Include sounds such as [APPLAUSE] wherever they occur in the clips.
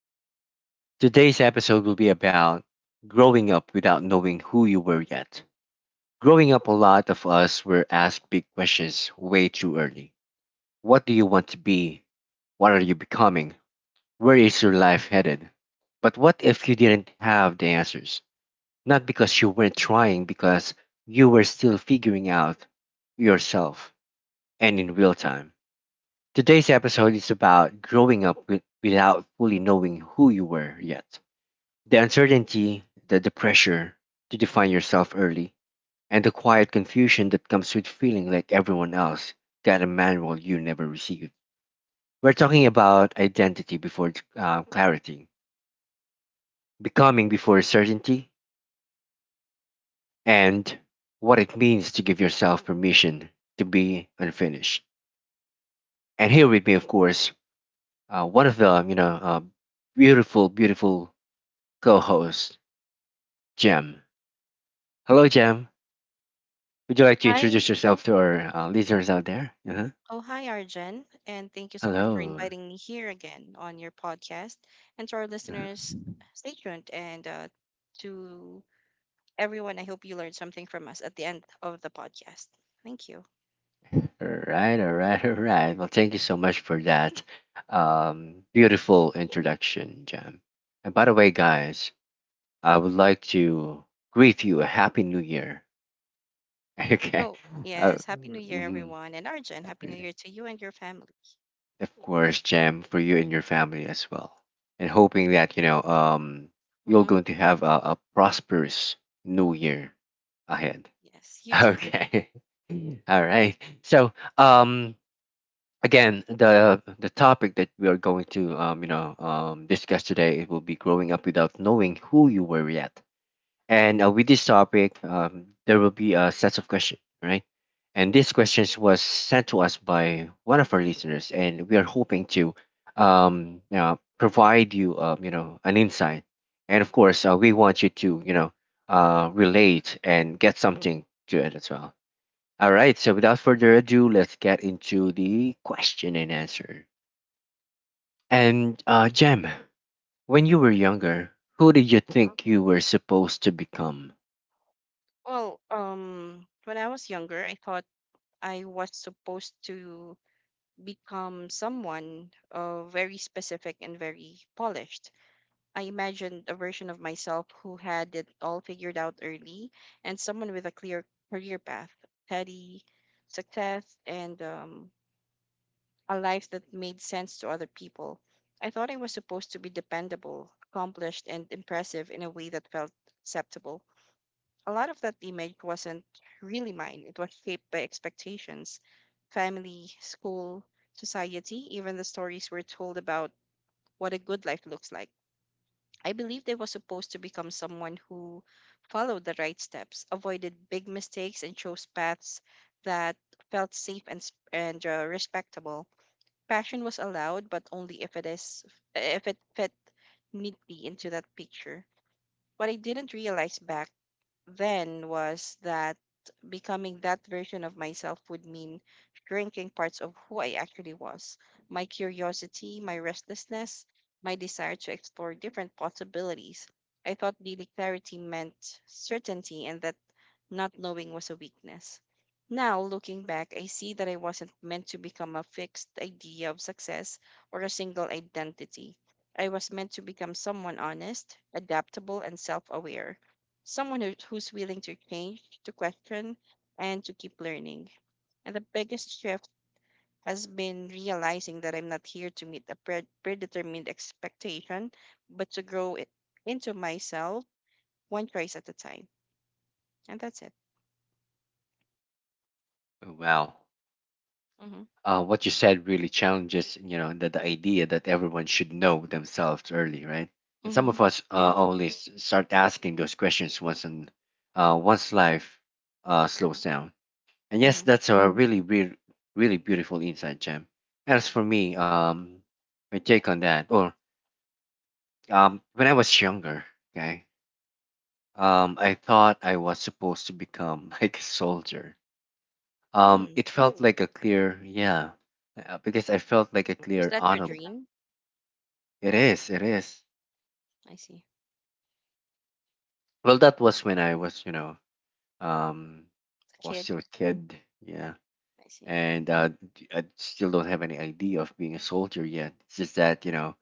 podcast. Today's episode will be about growing up without knowing who you were yet. Growing up, a lot of us were asked big questions way too early. What do you want to be? What are you becoming? Where is your life headed? But what if you didn't have the answers? Not because you weren't trying, because you were still figuring out yourself and in real time. Today's episode is about growing up without fully knowing who you were yet. The uncertainty, the pressure to define yourself early, and the quiet confusion that comes with feeling like everyone else got a manual you never received. We're talking about identity before clarity, becoming before certainty, and what it means to give yourself permission to be unfinished. And here with me, of course, one of the you know beautiful, beautiful co host, Jem. Hello, Jem. Would you like to Hi. introduce yourself to our listeners out there? Uh-huh. Oh, hi, Arjen. And thank you so much for Hello. inviting me here again on your podcast. And to our Uh, listeners, stay tuned. And To everyone, I hope you learned something from us at the end of the podcast. Thank you. All right, all right, all right. Well, thank you so much for that beautiful introduction, Jem. And by the way, guys, I would like to greet you a Happy New Year. [LAUGHS] Okay. Oh, Uh, yes. Happy New Year, mhm. everyone. And Arjen, Happy New Happy- Year to you and your family. Of course, Jam, for you and your family as well. And hoping that, you know, you're Mm-hmm. going to have a prosperous new year ahead. Yes, [LAUGHS] you too. Okay. [LAUGHS] All right. So, um, again, the topic that we are going to, discuss today it will be growing up without knowing who you were yet. And with this topic, there will be a set of questions, right? And these questions was sent to us by one of our listeners, and we are hoping to, provide you, an insight. And of course, we want you to, you know, relate and get something to it as well. All right. So without further ado, let's get into the question and answer. And Jem, when you were younger, who did you Uh-huh. think you were supposed to become? Well, when I was younger, I thought I was supposed to become someone very specific and very polished. I imagined a version of myself who had it all figured out early and someone with a clear career path, steady success, and a life that made sense to other people. I thought I was supposed to be dependable, accomplished, and impressive in a way that felt acceptable. A lot of that image wasn't really mine. It was shaped by expectations, family, school, society, even the stories we're told about what a good life looks like. I believe I was supposed to become someone who followed the right steps, avoided big mistakes, and chose paths that felt safe and respectable. Passion was allowed, but only if it fit neatly into that picture. What I didn't realize back then was that becoming that version of myself would mean shrinking parts of who I actually was, my curiosity, my restlessness, my desire to explore different possibilities. I thought daily clarity meant certainty and that not knowing was a weakness. Now, looking back, I see that I wasn't meant to become a fixed idea of success or a single identity. I was meant to become someone honest, adaptable, and self aware, someone who's willing to change, to question, and to keep learning. And the biggest shift has been realizing that I'm not here to meet a predetermined expectation, but to grow it into myself one choice at a time. And that's it. Oh, wow. Mm-hmm. What you said really challenges you know the idea that everyone should know themselves early, right? And some Mm-hmm. of us only start asking those questions once and once life slows down, and yes, Mm-hmm. that's a really beautiful insight, Jam. As for me, my take on that, or when I was younger, okay, I thought I was supposed to become [LAUGHS] like a soldier. Hmm. It felt like a clear, yeah, because I felt like a Was clear that your honor. dream? It is, it is. I see. Well, that was when I was, you know, um, A was kid. still a kid, yeah, I see. and I still don't have any idea of being a soldier yet. It's just that, you know,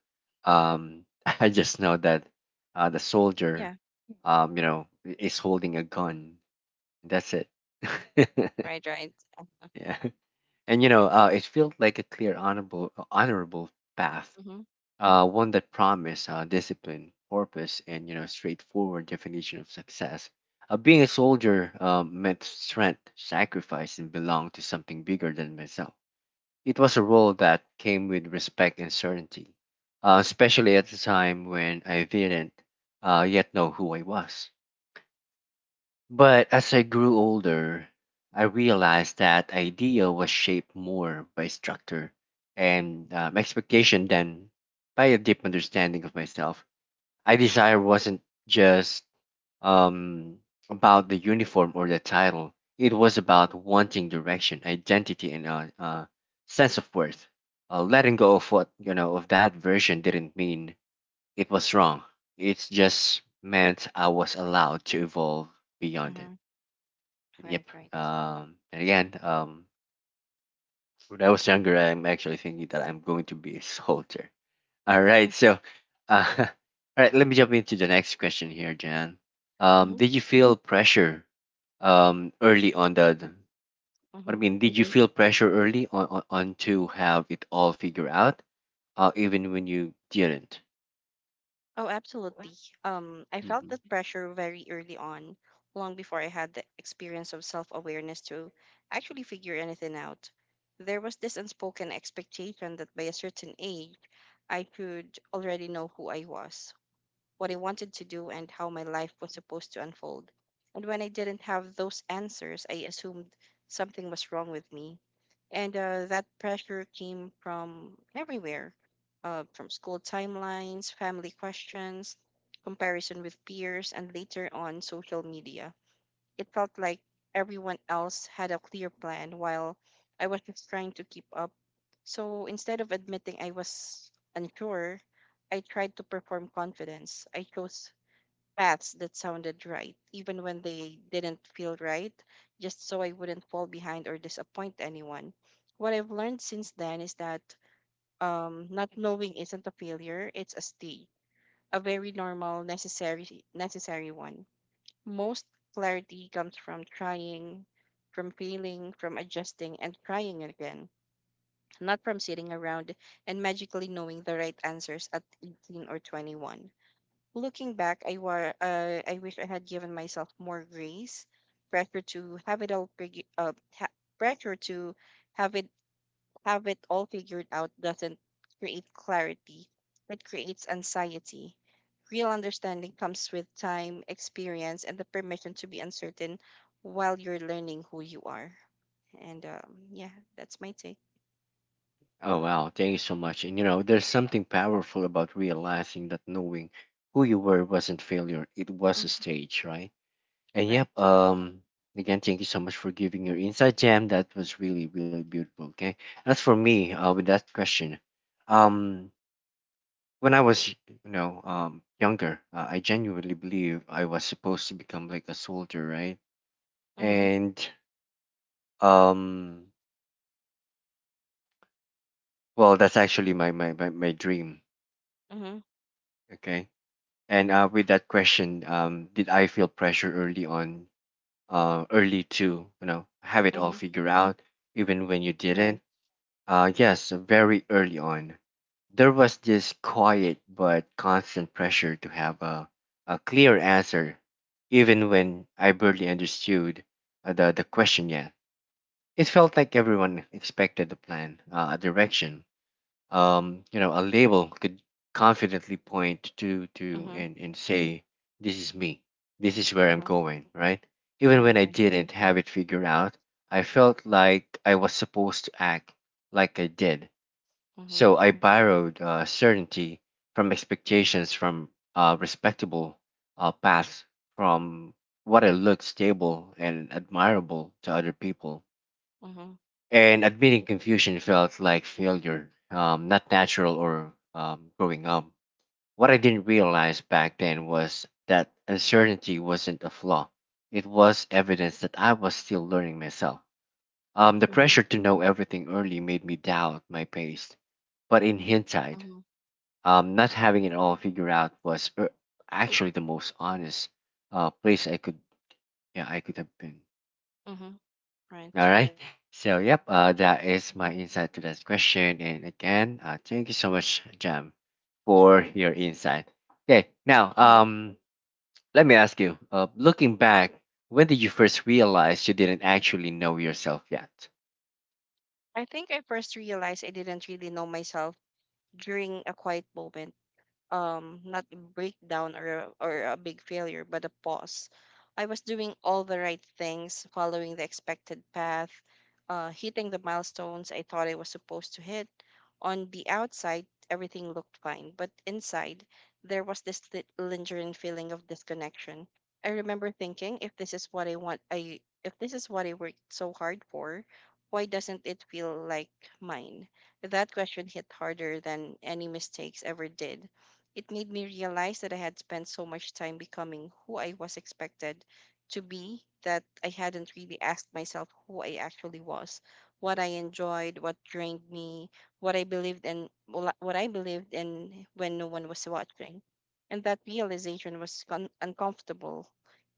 um, [LAUGHS] I just know that the soldier, Yeah. You know, is holding a gun. That's it. [LAUGHS] Right. Right. Yeah, and you know, it felt like a clear, honorable, honorable path, Mm-hmm. One that promised discipline, purpose, and you know straightforward definition of success. Being a soldier meant strength, sacrifice, and belonged to something bigger than myself. It was a role that came with respect and certainty, especially at the time when I didn't yet know who I was. But as I grew older, I realized that idea was shaped more by structure and expectation than by a deep understanding of myself. I desire wasn't just um, about the uniform or the title. It was about wanting direction, identity, and a uh, uh, sense of worth. Letting go of what you know of that version didn't mean it was wrong. It just meant I was allowed to evolve beyond it. Mm-hmm. Yep. Right. Right. And again, when I was younger, I'm actually thinking that I'm going to be a [LAUGHS] soldier. All right. Mm-hmm. So, [LAUGHS] all right. Let me jump into the next question here, Jan. Mm-hmm. Did you feel pressure, early on the? The- What I Mm-hmm. mean, did you feel pressure early on, to have it all figured out, even when you didn't? Oh, absolutely. I felt that hmm pressure very early on, long before I had the experience of self-awareness to actually figure anything out. There was this unspoken expectation that by a certain age, I could already know who I was, what I wanted to do, and how my life was supposed to unfold. And when I didn't have those answers, I assumed something was wrong with me. And That pressure came from everywhere, from school timelines, family questions, comparison with peers, and later on social media. It felt like everyone else had a clear plan while I was just trying to keep up. So instead of admitting I was unsure, I tried to perform confidence. I chose paths that sounded right, even when they didn't feel right, just so I wouldn't fall behind or disappoint anyone. What I've learned since then is that not knowing isn't a failure, it's a stage, a very normal, necessary one. Most clarity comes from trying, from failing, from adjusting, and trying again, not from sitting around and magically knowing the right answers at 18 or 21. Looking back, I wish I had given myself more grace. Pressure to have it all, fig- ha- pressure to have it have it all figured out doesn't create clarity, it creates anxiety. Real understanding comes with time, experience, and the permission to be uncertain while you're learning who you are. And Yeah, that's my take. Oh wow! Thank you so much. And you know, there's something powerful about realizing that knowing who you were Mm, wasn't failure; it was a mhm. stage, right? And Right, yep, right. Again, thank you so much for giving your insight, Jam. That was really, really beautiful. Okay. As for me, with that question, um, when I was, you know, younger, I genuinely believe I was supposed to become like a soldier, right? Mm-hmm, And um, well, that's actually my dream. mm-hmm, Okay. And with that question, did I feel pressure early on, early to, you know, have it all mm-hmm, figured out, even when you didn't? right. Yes, very early on, there was this quiet but constant pressure to have a clear answer, even when I barely understood the question yet. It felt like everyone expected a plan, a direction, you know, a label could confidently point to, Mm-hmm, and say, this is me, this is where I'm mm-hmm, going, right? Even right, when I right. didn't have it figured out, I felt like I was supposed to act like I did, Mm-hmm, so I borrowed certainty from expectations, from respectable paths, from what I looked stable and admirable to other people. mm-hmm, And admitting confusion felt like failure, not natural or growing up. What I didn't realize back then was that uncertainty wasn't a flaw. It was evidence that I was still learning myself. The mm-hmm, pressure to know everything early made me doubt my pace. But in hindsight, mm-hmm, not having it all figured out was actually the most honest place I could, yeah I could have been. mm-hmm, All right. right. So yep, that is Mm-hmm, my insight to that question. And again, thank you so much, Jam, for your insight. Okay, now mm-hmm. Let me ask you. Looking back, when did you first realize you didn't actually know yourself yet? I think I first realized I didn't really know myself during a quiet moment, not a breakdown or a big failure, but a pause. I was doing all the right things, following the expected path, hitting the milestones I thought I was supposed to hit. On the outside everything looked fine, but inside there was this lingering feeling of disconnection. I remember thinking, if this is what I want I if this is what I worked so hard for, why doesn't it feel like mine? That question hit harder than any mistakes ever did. It made me realize that I had spent so much time becoming who I was expected to be that I hadn't really asked myself who I actually was, what I enjoyed, what drained me, what I believed in when no one was watching. And that realization was uncomfortable,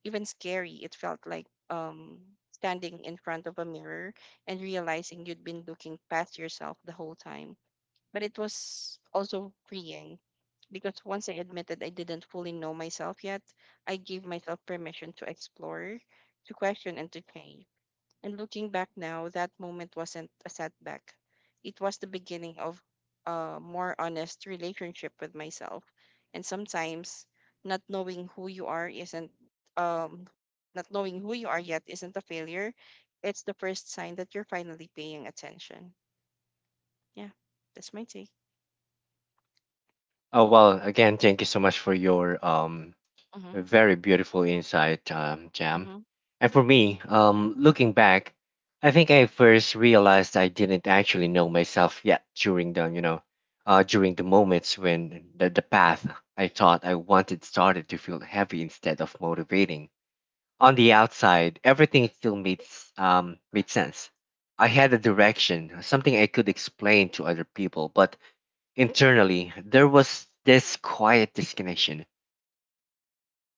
even scary. It felt like standing in front of a mirror and realizing you'd been looking past yourself the whole time. But it was also freeing, because once I admitted I didn't fully know myself yet, I gave myself permission to explore, to question, and to change. And looking back now, that moment wasn't a setback. It was the beginning of a more honest relationship with myself. And sometimes not knowing who you are isn't, um, not knowing who you are yet isn't a failure. It's the first sign that you're finally paying attention. Yeah, that's my take. Oh well, again, thank you so much for your a Mhm. very beautiful insight, Jam. Mm-hmm. And for me, looking back, I think I first realized I didn't actually know myself yet during the, you know, during the moments when the path I thought I wanted started to feel heavy instead of motivating. On the outside, everything still made sense. I had a direction, something I could explain to other people, but internally there was this quiet disconnection.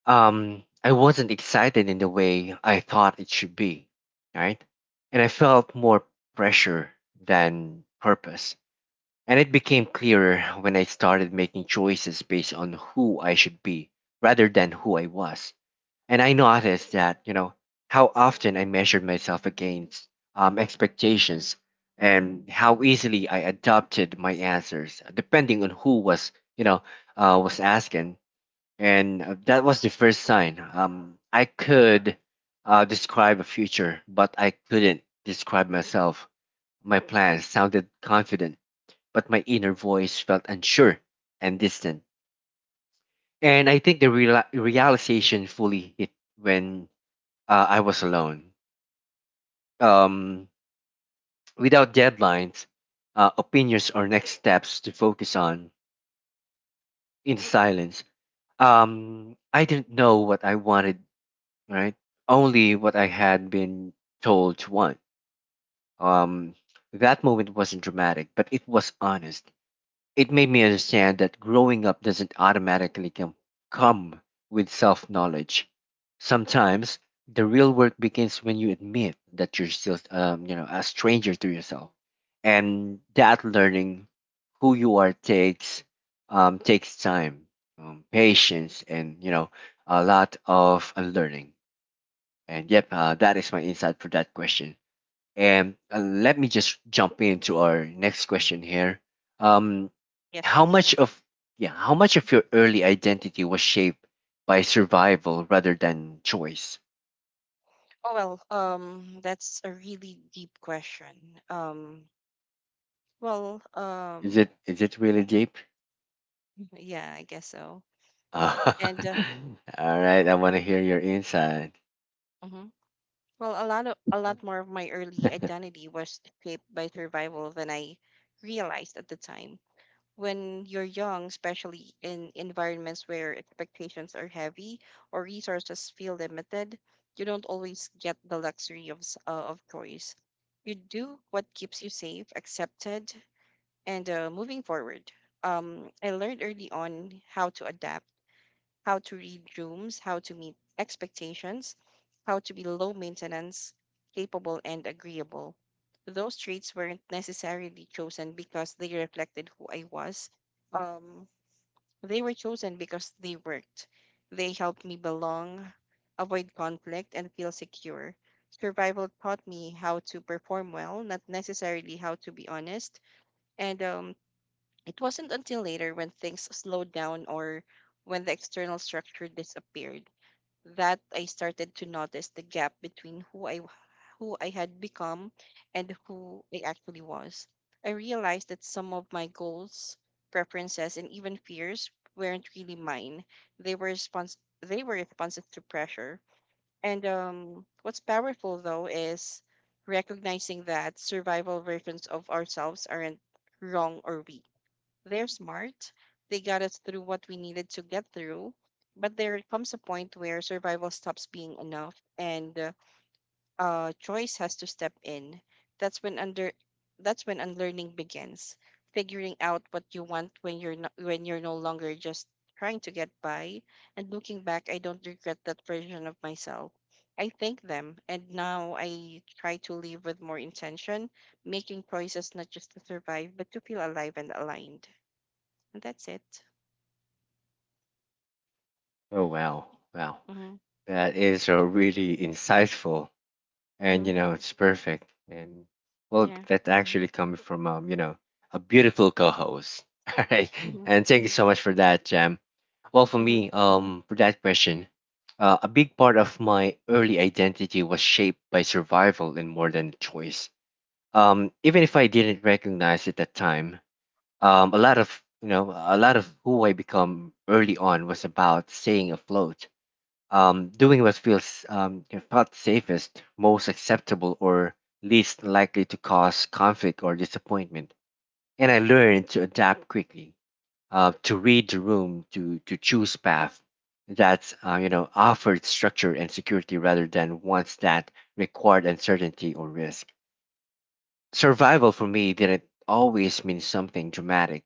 I wasn't excited in the way I thought it should be, right? And I felt more pressure than purpose. And it became clearer when I started making choices based on who I should be rather than who I was. And I noticed that, you know, how often I measured myself against expectations and how easily I adopted my answers depending on who was, you know, was asking. And that was the first sign. I could describe a future, but I couldn't describe myself. My plans sounded confident, but my inner voice felt unsure and distant. And I think the realization fully hit when I was alone, um, without deadlines, opinions, or next steps to focus on, in silence. I didn't know what I wanted, right? Only what I had been told to want. Um, that moment wasn't dramatic, but it was honest. It made me understand that growing up doesn't automatically come with self knowledge. Sometimes the real work begins when you admit that you're still, you know, a stranger to yourself, and that learning who you are takes takes time, patience, and you know, a lot of unlearning. And yep, that is my insight for that question. And let me just jump into our next question here. Um, Yes, how please. much of, yeah, how much of your early identity was shaped by survival rather than choice? Oh well, that's a really deep question. Well, Is um, it, really deep? [LAUGHS] yeah, I guess so. Uh, And [LAUGHS] all right, I want to hear your insight. mhm. well, a lot more of my early identity was shaped by survival than I realized at the time. When you're young, especially in environments where expectations are heavy or resources feel limited, you don't always get the luxury of of choice. You do what keeps you safe, accepted, and moving forward. I learned early on how to adapt, how to read rooms, how to meet expectations, how to be low maintenance, capable, and agreeable. Those traits weren't necessarily chosen because they reflected who I was. Um, they were chosen because they worked. They helped me belong, avoid conflict, and feel secure. Survival taught me how to perform well, not necessarily how to be honest. And It wasn't until later, when things slowed down or when the external structure disappeared, that I started to notice the gap between who I had become and who I actually was. I realized that some of my goals, preferences, and even fears weren't really mine. They were responses to pressure. And What's powerful though is recognizing that survival versions of ourselves aren't wrong or weak, they're smart. They got us through what we needed to get through. But there comes a point where survival stops being enough and choice has to step in. That's when under that's when unlearning begins, figuring out what you want when you're no longer just trying to get by. And looking back, I don't regret that version of myself. I thank them, and now I try to live with more intention, making choices not just to survive, but to feel alive and aligned. And that's it. Oh wow, wow, Mm-hmm. that is a really insightful, and Mm-hmm. you know it's perfect. And well, Yeah. that's actually coming from you know a beautiful co-host. [LAUGHS] All right, Mm-hmm. and thank you so much for that, Jam. Well for Mm-hmm. me, for that question, a big part of my early identity was shaped by survival and more than choice, even if I didn't recognize it at the time. A lot of you know a lot of who I become early on was about staying afloat, doing what feels you know, felt safest, most acceptable, or least likely to cause conflict or disappointment. And I learned to adapt quickly, to read the room, to choose path that offered structure and security rather than ones that required uncertainty or risk. Survival for me didn't always mean something dramatic.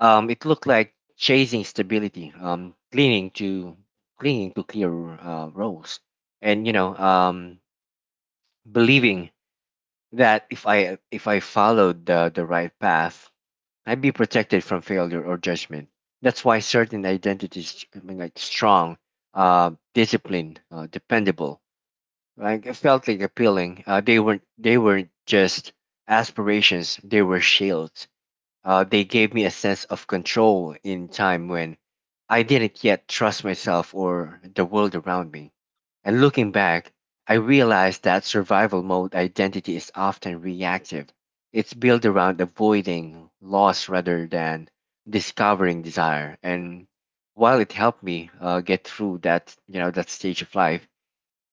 It looked like chasing stability, clinging to clear roles, and believing that if I followed the right path, I'd be protected from failure or judgment. That's why certain identities, like strong, disciplined, dependable, like, it felt like appealing. They weren't just aspirations; they were shields. They gave me a sense of control in time when I didn't yet trust myself or the world around me. And looking back, I realized that survival mode identity is often reactive. It's built around avoiding loss rather than discovering desire. And while it helped me get through that stage of life,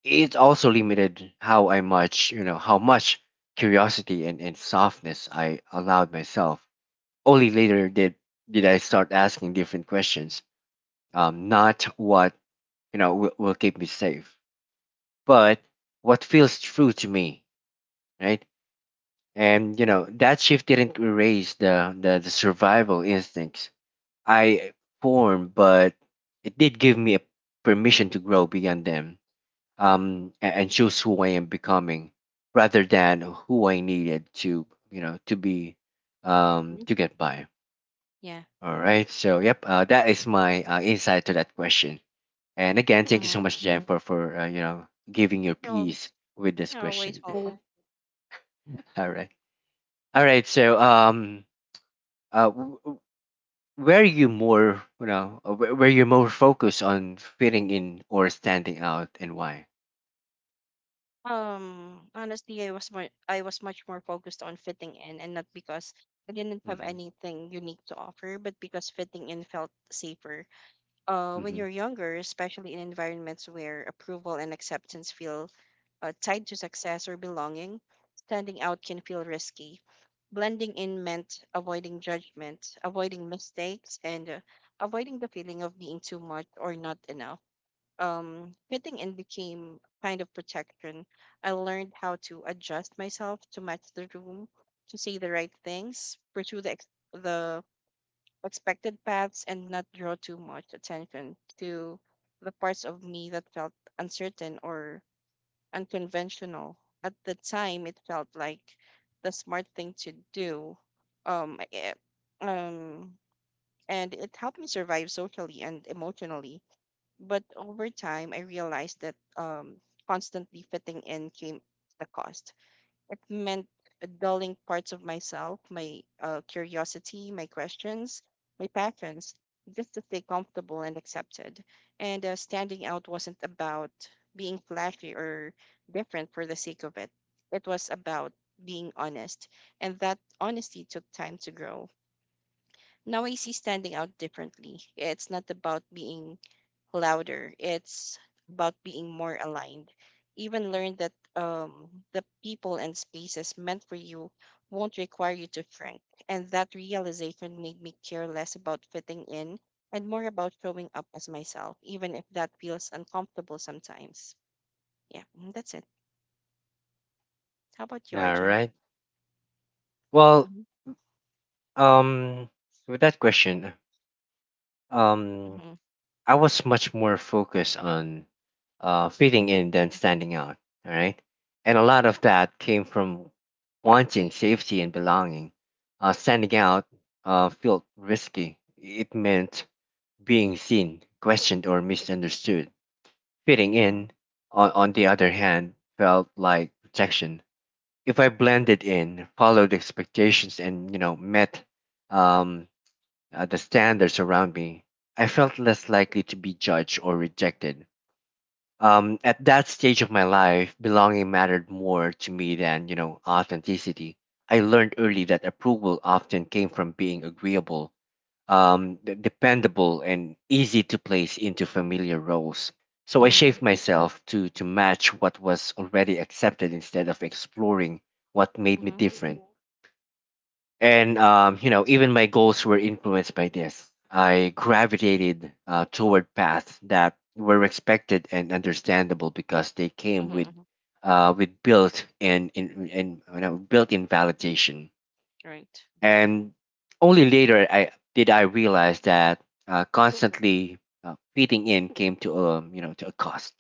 it also limited how I much, how much curiosity and softness I allowed myself. Only later did I start asking different questions. Not what will keep me safe, but what feels true to me, right? And that shift didn't erase the survival instincts I formed, but it did give me a permission to grow beyond them, and choose who I am becoming, rather than who I needed to to be, Hmm. to get by. Yeah. All right. So, yep, that is my insight to that question. And again, thank you so Mm-hmm. much, Jen, for Yeah. giving your You're piece always with this you're always question. welcome. [LAUGHS] All right. All right. So, uh, w- w- were you more, were you more focused on fitting in or standing out, and why? Honestly, I was much more focused on fitting in, and not because I didn't have Mm-hmm. anything unique to offer, but because fitting in felt safer. Mm-hmm. When you're younger, especially in environments where approval and acceptance feel tied to success or belonging, standing out can feel risky. Blending in meant avoiding judgment, avoiding mistakes, and avoiding the feeling of being too much or not enough. Fitting in became a kind of protection. I learned how to adjust myself to match the room, to say the right things, pursue the expected paths, and not draw too much attention to the parts of me that felt uncertain or unconventional. At the time, it felt like the smart thing to do. Um, I- eh, um, and it helped me survive socially and emotionally. But over time, I realized that constantly fitting in came the cost. It meant dulling parts of myself, my curiosity, my questions, my passions, just to stay comfortable and accepted. And Standing out wasn't about being flashy or different for the sake of it, it was about being honest. And that honesty took time to grow. Now I see standing out differently. It's not about being louder, it's about being more aligned. Even learn that the people and spaces meant for you won't require you to shrink. And that realization made me care less about fitting in and more about showing up as myself, even if that feels uncomfortable sometimes. Yeah, mm, that's it. How about you, All Arjun? right. Well, Mm-hmm. um, with that question, um, Mm-hmm. I was much more focused on fitting in than standing out. All right. And a lot of that came from wanting safety and belonging. Standing out felt risky. It meant being seen, questioned, or misunderstood. Fitting in, on the other hand, felt like protection. If I blended in, followed expectations, and met um, the standards around me, I felt less likely to be judged or rejected. At that stage of my life, belonging mattered more to me than, authenticity. I learned early that approval often came from being agreeable, dependable, and easy to place into familiar roles. So I Mm-hmm. shaped myself to match what was already accepted instead of exploring what made me Mm-hmm. different. And even my goals were influenced by this. I gravitated toward paths that were respected and understandable because they came Mm-hmm. With built-in in, you know, built-in validation. Right. And only later I did I realize that constantly fitting in came to a to a cost.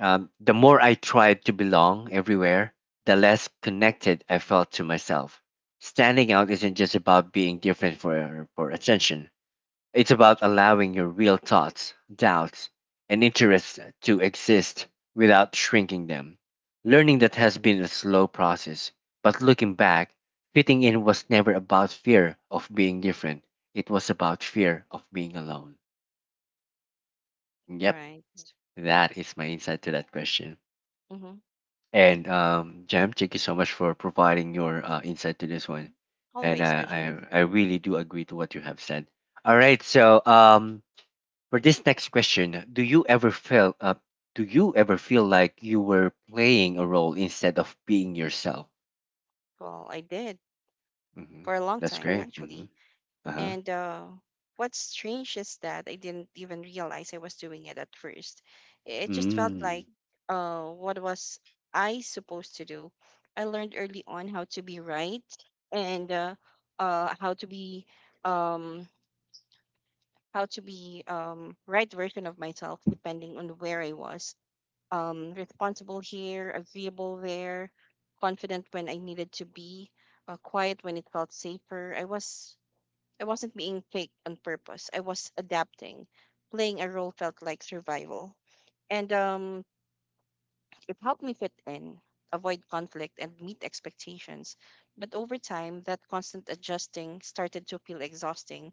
The more I tried to belong everywhere, the less connected I felt to myself. Standing out isn't just about being different for attention, it's about allowing your real thoughts, doubts, and interests to exist without shrinking them. Learning that has been a slow process, but looking back, fitting in was never about fear of being different, it was about fear of being alone. Yep, Right. that is my insight to that question. And Jam, thank you so much for providing your insight to this one. Mhm. And Always, uh, Arjun. I, I really do agree to what you have said. All right. So, for this next question, do you ever feel do you ever feel like you were playing a role instead of being yourself? Well, I did Hmm. for a long That's. Mhm. time, Great. Hmm. actually. Uh huh. And What's strange is that I didn't even realize I was doing it at first. It just felt Mm. like what was I supposed to do? I learned early on how to be right and uh, how to be um, how to be right version of myself depending on where I was. Responsible here, agreeable there, confident when I needed to be, quiet when it felt safer. I wasn't being fake on purpose. I was adapting. Playing a role felt like survival, and it helped me fit in, avoid conflict, and meet expectations. But over time, that constant adjusting started to feel exhausting.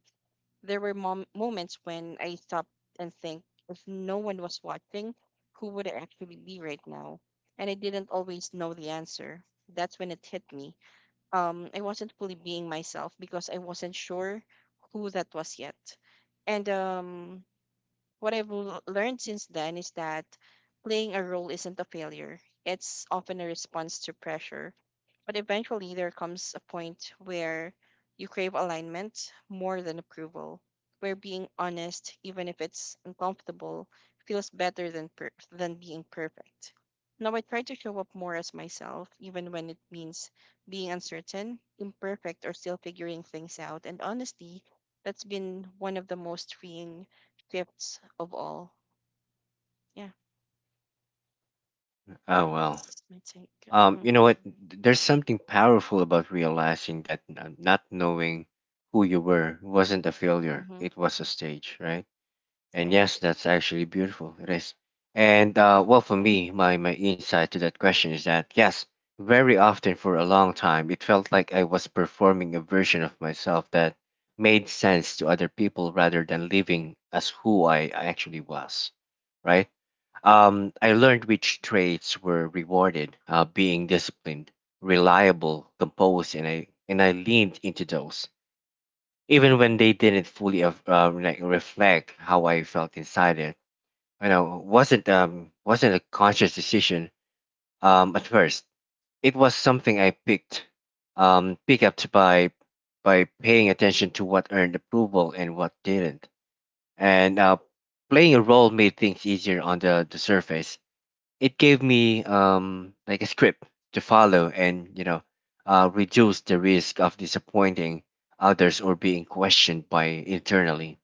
There were moments when I stopped and think, if no one was watching, who would I actually be right now? And I didn't always know the answer. That's when it hit me. I wasn't fully being myself because I wasn't sure who that was yet. And what I've learned since then is that playing a role isn't a failure. It's often a response to pressure, but eventually, there comes a point where you crave alignment more than approval, where being honest, even if it's uncomfortable, feels better than being perfect. Now, I try to show up more as myself, even when it means being uncertain, imperfect, or still figuring things out. And honestly, that's been one of the most freeing gifts of all. Yeah, Oh, well. that's my take. Mm-hmm, You know what? There's something powerful about realizing that not knowing who you were wasn't a failure. mm-hmm, It was a stage, right? And yes, right. that's actually beautiful. It is. And Mm-hmm, well, for me, my insight to that question is that yes, very often for a long time, it felt like I was performing a version of myself that made sense to other people rather than living as who I actually was, right? I learned which traits were rewarded, being disciplined, reliable, composed, and I leaned into those even mm-hmm, when they didn't fully like reflect how I felt inside it. You know, wasn't a conscious decision at first. It was something I picked up by paying attention to what earned approval and what didn't. And playing a role made things easier on the surface. It gave me like a script to follow, and reduce the risk of disappointing others or being questioned by internally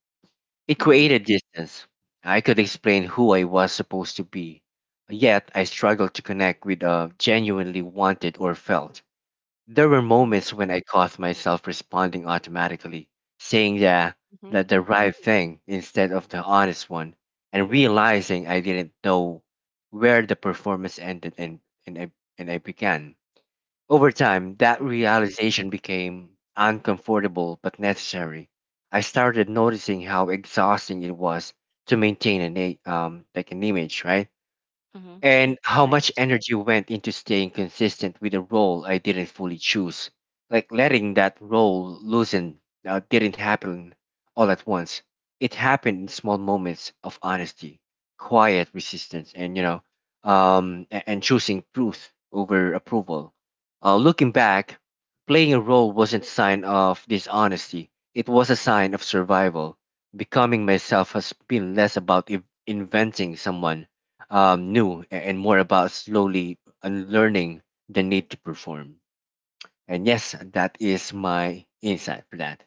it mm-hmm, created distance. I could explain who I was supposed to be, yet I struggled to connect with a genuinely wanted or felt. There were mm-hmm. moments when I caught myself responding automatically, saying the, Mm-hmm. that the right thing instead of the honest one, and realizing I didn't know where the performance ended and, I, and I began. Over time, that Mm-hmm. realization became uncomfortable but necessary. I started noticing how exhausting it was to maintain like an image, right? Mm-hmm. And how much Right. energy went into staying consistent with a role I didn't fully choose. Like letting that role loosen didn't happen all at once. It happened in small moments of honesty, quiet resistance, and and choosing truth over approval. Looking back, playing a role wasn't a sign of dishonesty. It was a sign of survival. Becoming myself has been less about inventing someone new and more about slowly unlearning the need to perform. And yes, that is my insight for that.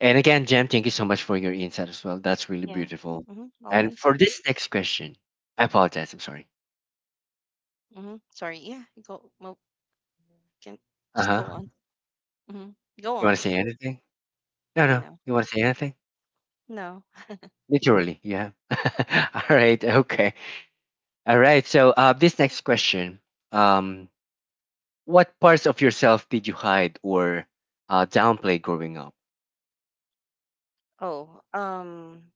And again, Jem, thank you so much for your insight as well. That's really Yeah. beautiful. Mm-hmm. And Always. for this next question, I apologize. I'm sorry. Mm-hmm. Sorry. Yeah. Go. Well, can Uh just go on. huh. Mm-hmm. Go You want to on. say anything? No, No. no. No. You want to say anything? No. [LAUGHS] Literally, you have. [LAUGHS] All right. Okay. All right. So, this next question, um, what parts of yourself did you hide or downplay growing up? Oh.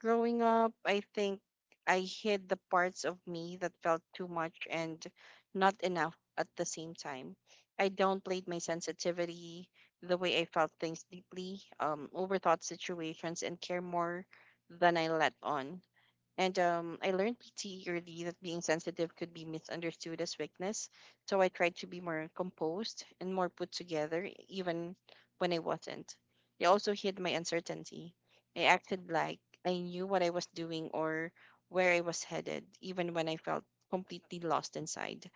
Growing up, I think I hid the parts of me that felt too much and not enough at the same time. I downplayed my sensitivity, the way I felt things deeply, overthought situations, and care more than I let on. And I learned pretty early that being sensitive could be misunderstood as weakness. So I tried to be more composed and more put together, even when I wasn't. I also hid my uncertainty. I acted like I knew what I was doing or where I was headed, even when I felt completely lost inside.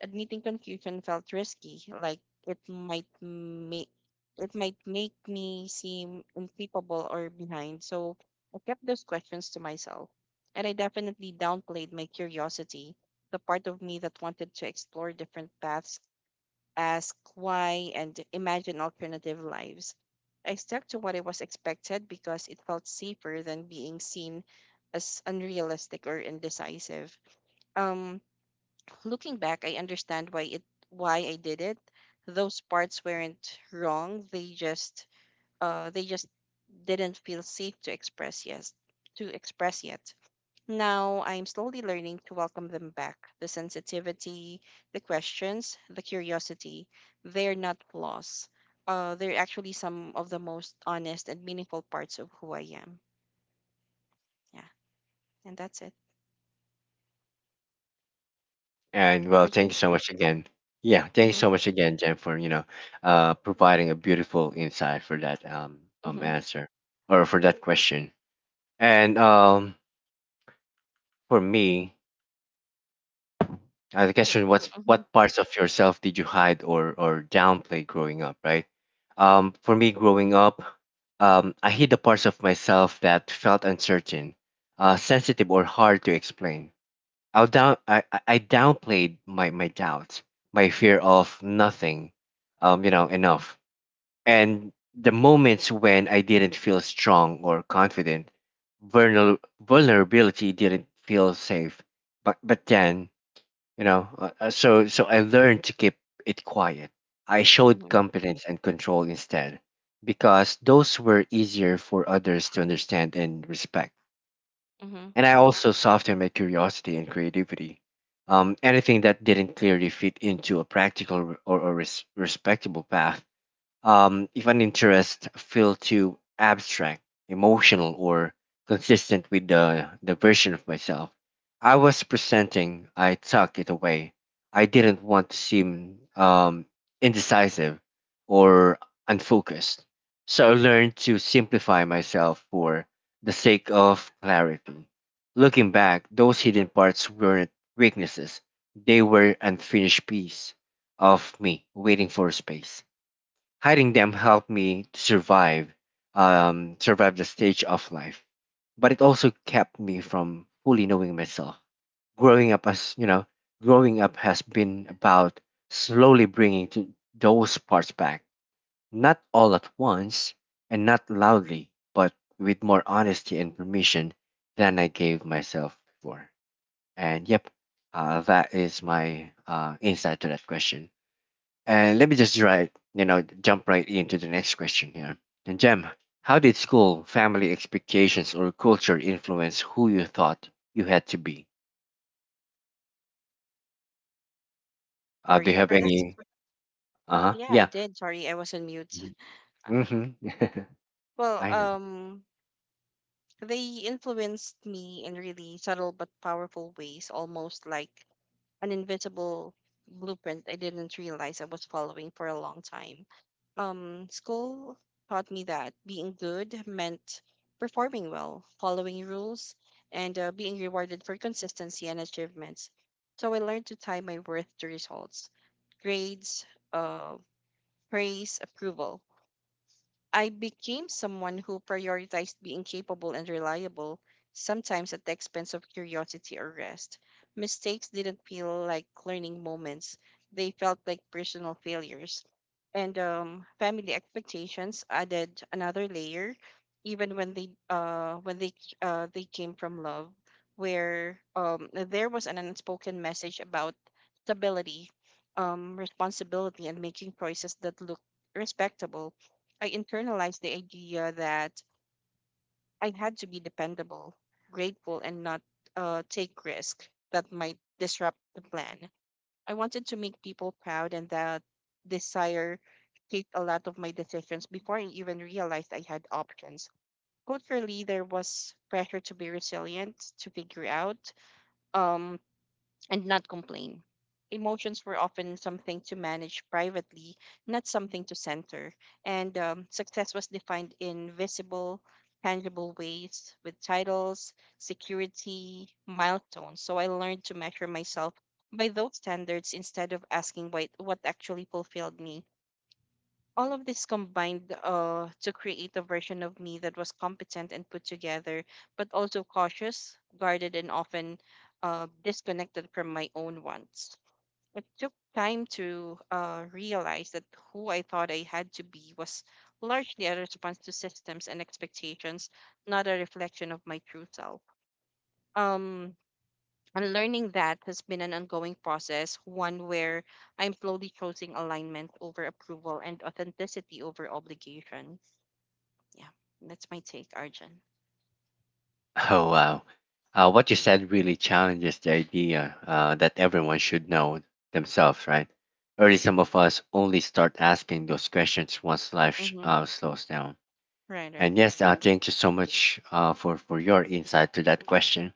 Admitting confusion felt risky, like it might make it might make me seem incapable or behind. So I kept those questions to myself. And I definitely downplayed my curiosity, the part of me that wanted to explore different paths, ask why, and imagine alternative lives. I stuck to what I was expected because it felt safer than being seen as unrealistic or indecisive. Um, looking back, I understand why I did it. Those parts weren't wrong. They just uh they just didn't feel safe to express yet. Now I'm slowly learning to welcome them back. The sensitivity, the questions, the curiosity, they're not flaws. They're actually some of the most honest and meaningful parts of who I am. Yeah, and that's it. And well, thank Arjun. you so much again. Yeah, thank you Mm-hmm, so much again, Jen, for providing a beautiful insight for that mm-hmm, answer or for that question. And for me, the question was, mm-hmm, what parts of yourself did you hide or downplay growing up? Right. For me, growing up, I hid the parts of myself that felt uncertain, sensitive, or hard to explain. I downplayed my doubts, my fear of nothing, enough. And the moments when I didn't feel strong or confident, vulnerability didn't feel safe. But then, I learned to keep it quiet. I showed mm-hmm, competence and control instead, because those were easier for others to understand and respect. mm-hmm. And I also softened my curiosity and creativity. Anything that didn't clearly fit into a practical or, a respectable path. If an interest feels too abstract, emotional, or consistent with the version of myself I was presenting, I tucked it away. I didn't want to seem indecisive or unfocused. So I learned to simplify myself for the sake of clarity. Looking back, those hidden parts weren't weaknesses, they were unfinished piece of me waiting for space. Hiding them helped me to survive, survive the stage of life, but it also kept me from fully knowing myself. Growing up, as you know, growing up has been about slowly bringing to those parts back, not all at once and not loudly, but with more honesty and permission than I gave myself before. And yep, that is my insight to that question. And let me just right, jump right into the next question here. And Jem, how did school, family expectations, or culture influence who you thought you had to be? Do Sorry you have for this. any? Uh huh. Yeah, I Yeah. did. Sorry, I was on mute. [LAUGHS] Uh, Mm-hmm. [LAUGHS] well, I know. um, they influenced me in really subtle but powerful ways, almost like an invisible blueprint I didn't realize I was following for a long time. School taught me that being good meant performing well, following rules, and being rewarded for consistency and achievements. So I learned to tie my worth to results, grades, uh, praise, approval. I became someone who prioritized being capable and reliable, sometimes at the expense of curiosity or rest. Mistakes didn't feel like learning moments, they felt like personal failures. And family expectations added another layer, even when they came from love, where there was an unspoken message about stability, responsibility, and making choices that looked respectable. I internalized the idea that I had to be dependable, grateful, and not take risk that might disrupt the plan. I wanted to make people proud, and that desire shaped a lot of my decisions before I even realized I had options. Culturally, there was pressure to be resilient, to figure out, um, and not complain. Emotions were often something to manage privately, not something to center. And success was defined in visible, tangible ways with titles, security, milestones. So I learned to measure myself by those standards instead of asking what actually fulfilled me. All of this combined to create a version of me that was competent and put together, but also cautious, guarded, and often disconnected from my own wants. It took time to realize that who I thought I had to be was largely a response to systems and expectations, not a reflection of my true self. Um, and learning that has been an ongoing process, one where I'm slowly choosing alignment over approval and authenticity over obligation. Yeah, that's my take, Arjun. Oh, wow. What you said really challenges the idea that everyone should know themselves, right? Early, some of us only start asking those questions once life sh- Mm-hmm. uh, slows down. Right, right. And yes, thank you so much for your insight to that question.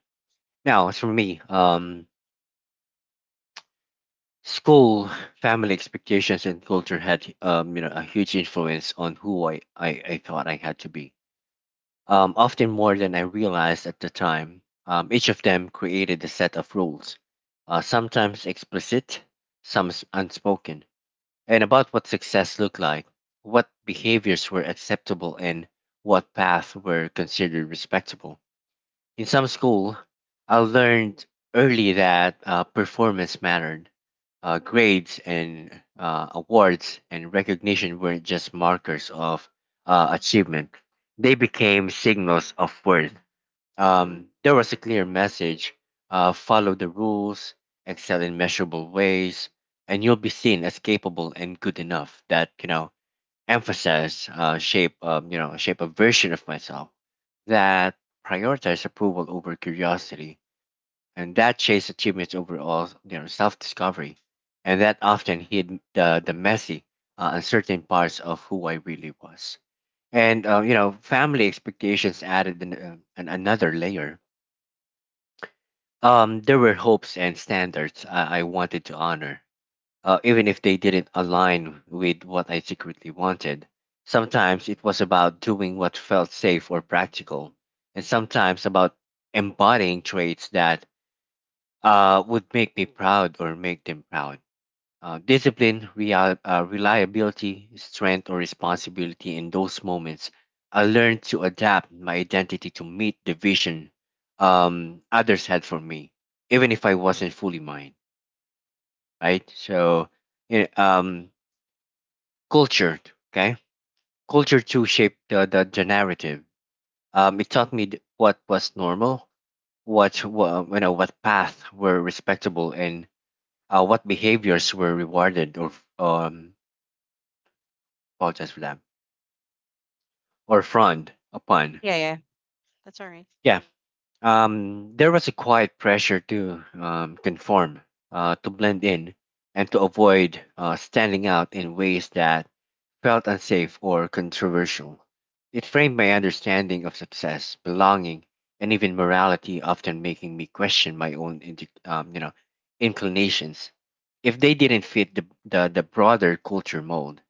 Now, as for me, school, family expectations, and culture had a huge influence on who I thought I had to be. Often more than I realized at the time. Each of them created a set of rules, sometimes explicit, some unspoken, and about what success looked like, what behaviors were acceptable, and what paths were considered respectable. In some school, I learned early that performance mattered. Grades and awards and recognition weren't just markers of achievement, they became signals of worth. There was a clear message, follow the rules, excel in measurable ways, and you'll be seen as capable and good enough. That emphasis shape shape a version of myself that prioritized approval over curiosity and that chased achievements over all self-discovery and that often hid the messy, uncertain parts of who I really was. And family expectations added another layer. There were hopes and standards I wanted to honor, even if they didn't align with what I secretly wanted. Sometimes it was about doing what felt safe or practical, and sometimes about embodying traits that would make me proud or make them proud. Discipline, reliability, strength, or responsibility. In those moments, I learned to adapt my identity to meet the vision others had for me, even if I wasn't fully mine, right? So, yeah, cultured okay culture too shaped the narrative. It taught me what was normal, what wa- you know what paths were respectable, and what behaviors were rewarded or um apologize for that — or frowned upon. Yeah, yeah. That's all right. Yeah. There was a quiet pressure to conform, to blend in, and to avoid standing out in ways that felt unsafe or controversial. It framed my understanding of success, belonging, and even morality, often making me question my own inclinations if they didn't fit the broader culture mold.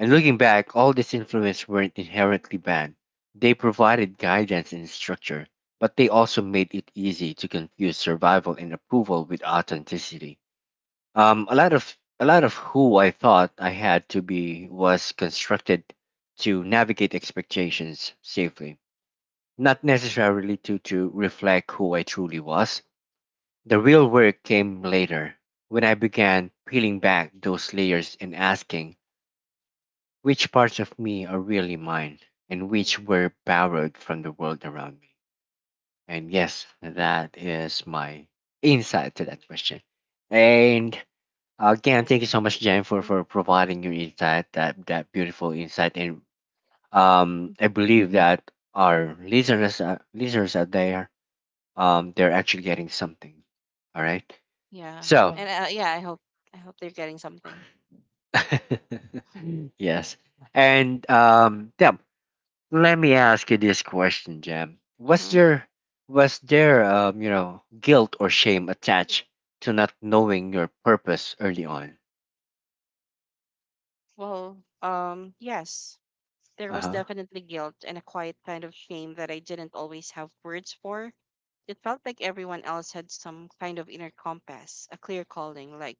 And looking back, all these influences weren't inherently bad. They provided guidance and structure, but they also made it easy to confuse survival and approval with authenticity. A lot of who I thought I had to be was constructed to navigate expectations safely, not necessarily to reflect who I truly was. The real work came later when I began peeling back those layers and asking which parts of me are really mine and which were borrowed from the world around me. And yes, that is my insight to that question. And again, Yeah. thank you so much, Jen, Mm-hmm. for providing your insight, that that beautiful insight. And I Mm-hmm. believe that our listeners, listeners out there, they're actually getting something. All right. Yeah. So, And yeah, I hope they're getting something. yeah. [LAUGHS] Yes. And yeah, let me ask you this question, Jem. Mm-hmm. Was there guilt or shame attached to not knowing your purpose early on? Well, yes, there Uh was huh. definitely guilt and a quiet kind of shame that I didn't always have words for. It felt like everyone else had some kind of inner compass, a clear calling, like,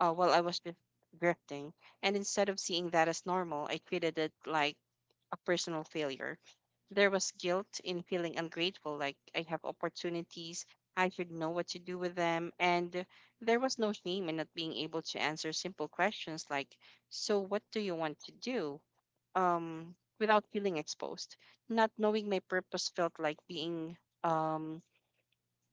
while I was just drifting. And instead of seeing that as normal, I treated it like a personal failure. There was guilt in feeling ungrateful, like I have opportunities, I should know what to do with them. And there was no shame in not being able to answer simple questions like, so, what do you want to do? Um, without feeling exposed. Not knowing my purpose felt like being um,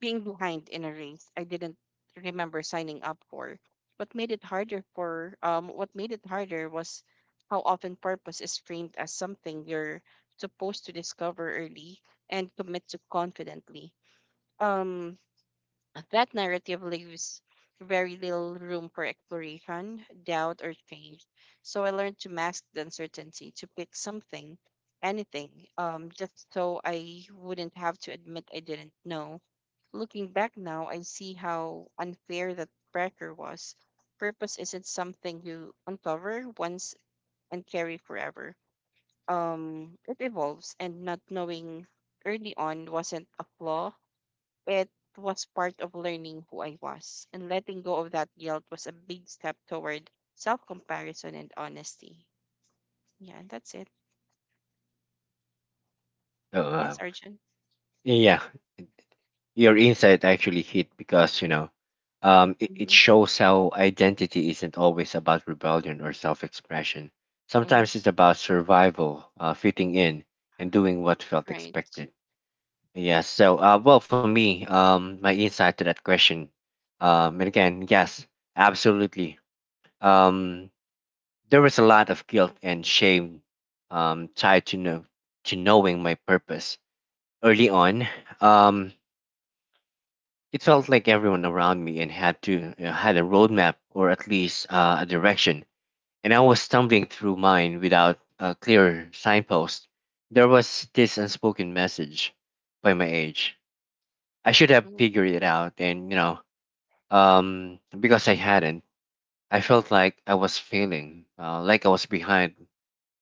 behind in a race I didn't remember signing up for. What made it harder was how often purpose is framed as something you're supposed to discover early and commit to confidently. Um that narrative leaves very little room for exploration, doubt, or change. So I learned to mask the uncertainty, to pick something, anything, just so I wouldn't have to admit I didn't know. Looking back now, I see how unfair that pressure was. Purpose isn't something you uncover once and carry forever. It evolves, and not knowing early on wasn't a flaw. It was part of learning who I was, and letting go of that guilt was a big step toward self comparison and honesty. Yeah, and that's it. Oh, Yes, wow. Arjun. Yeah. Your insight actually hit because, you know, it, it Mm-hmm. shows how identity isn't always about rebellion or self expression. Mm-hmm. Sometimes it's about survival, fitting in, and doing what felt Right. expected. Yes. So, well, for me, my insight to that question, and again, yes, absolutely. Um, there was a lot of guilt and shame, um, tied to know, to knowing my purpose early on. Um, It felt like everyone around me and had to had a roadmap or at least a direction, and I was stumbling through mine without a clear signpost. There was this unspoken message by my age. I should have Mm-hmm. figured it out, and because I hadn't, I felt like I was failing, like I was behind,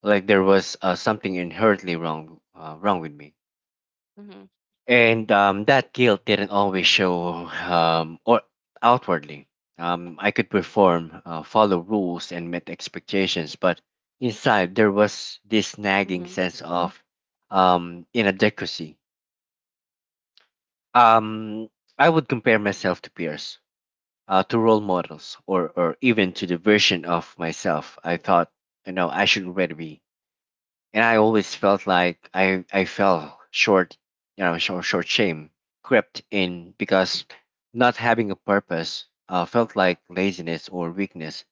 like there was something inherently wrong, wrong with me. And that guilt didn't always show or outwardly. I could perform, follow rules, and meet expectations, but inside there was this nagging Mm-hmm. sense of inadequacy. Um, I would compare myself to peers, to role models, or even to the version of myself I thought I should already be, and I always felt like I fell short, shame crept in because not having a purpose felt like laziness or weakness,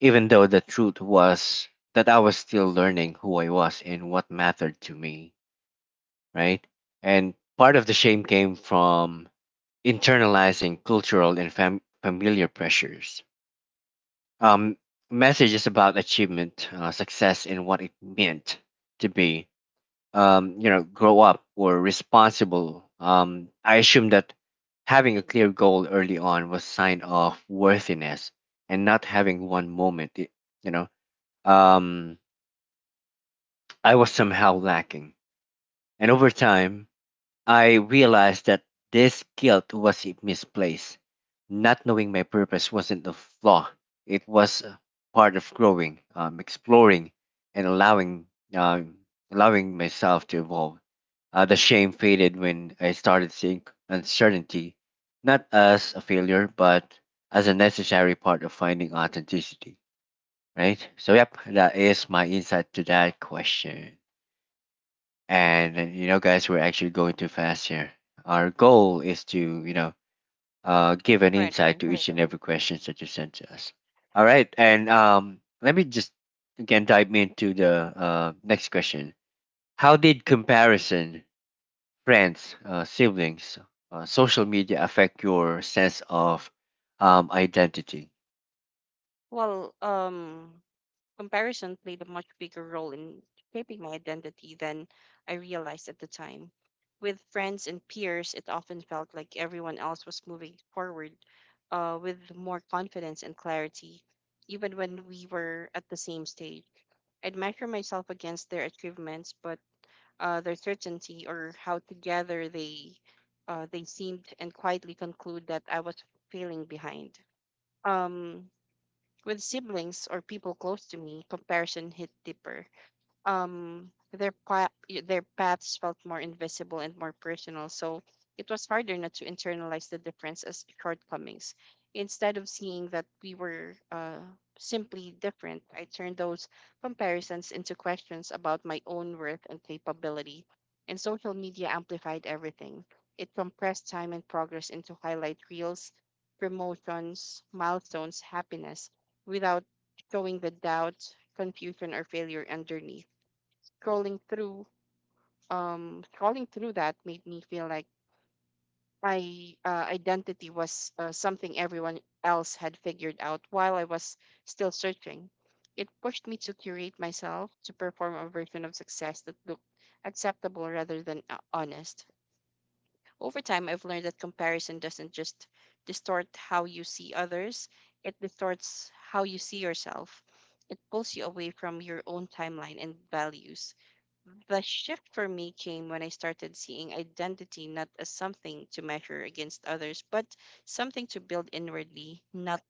even though the truth was that I was still learning who I was and what mattered to me, right? And part of the shame came from internalizing cultural and familiar pressures. Um, messages about achievement, success, and what it meant to be grow up or responsible. I assume that having a clear goal early on was sign of worthiness, and not having one moment, you know, um, I was somehow lacking. And over time, I realized that this guilt was misplaced. Not knowing my purpose wasn't a flaw, it was a part of growing, exploring, and allowing, um, allowing myself to evolve. The shame faded when I started seeing uncertainty not as a failure, but as a necessary part of finding authenticity. Right? So, yep, that is my insight to that question. And guys, we're actually going too fast here. Our goal is to, give an Right, insight right. to each and every questions that you send to us. All right. And let me just again dive into the next question. How did comparison, friends, siblings, social media affect your sense of identity? Well, comparison played a much bigger role in shaping my identity than I realized at the time. With friends and peers, it often felt like everyone else was moving forward, with more confidence and clarity, even when we were at the same stage. I'd measure myself against their achievements, but their certainty or how together they seemed, and quietly conclude that I was failing behind. Um, with siblings or people close to me, comparison hit deeper. um their pa- their paths felt more invisible and more personal, so it was harder not to internalize the difference as shortcomings instead of seeing that we were simply different. I turned those comparisons into questions about my own worth and capability. And social media amplified everything. It compressed time and progress into highlight reels, promotions, milestones, happiness, without showing the doubt, confusion, or failure underneath. Scrolling through, that made me feel like my identity was something everyone else had figured out while I was still searching. It pushed me to curate myself, to perform a version of success that looked acceptable rather than honest. Over time, I've learned that comparison doesn't just distort how you see others, it distorts how you see yourself. It pulls you away from your own timeline and values. The shift for me came when I started seeing identity not as something to measure against others, but something to build inwardly, not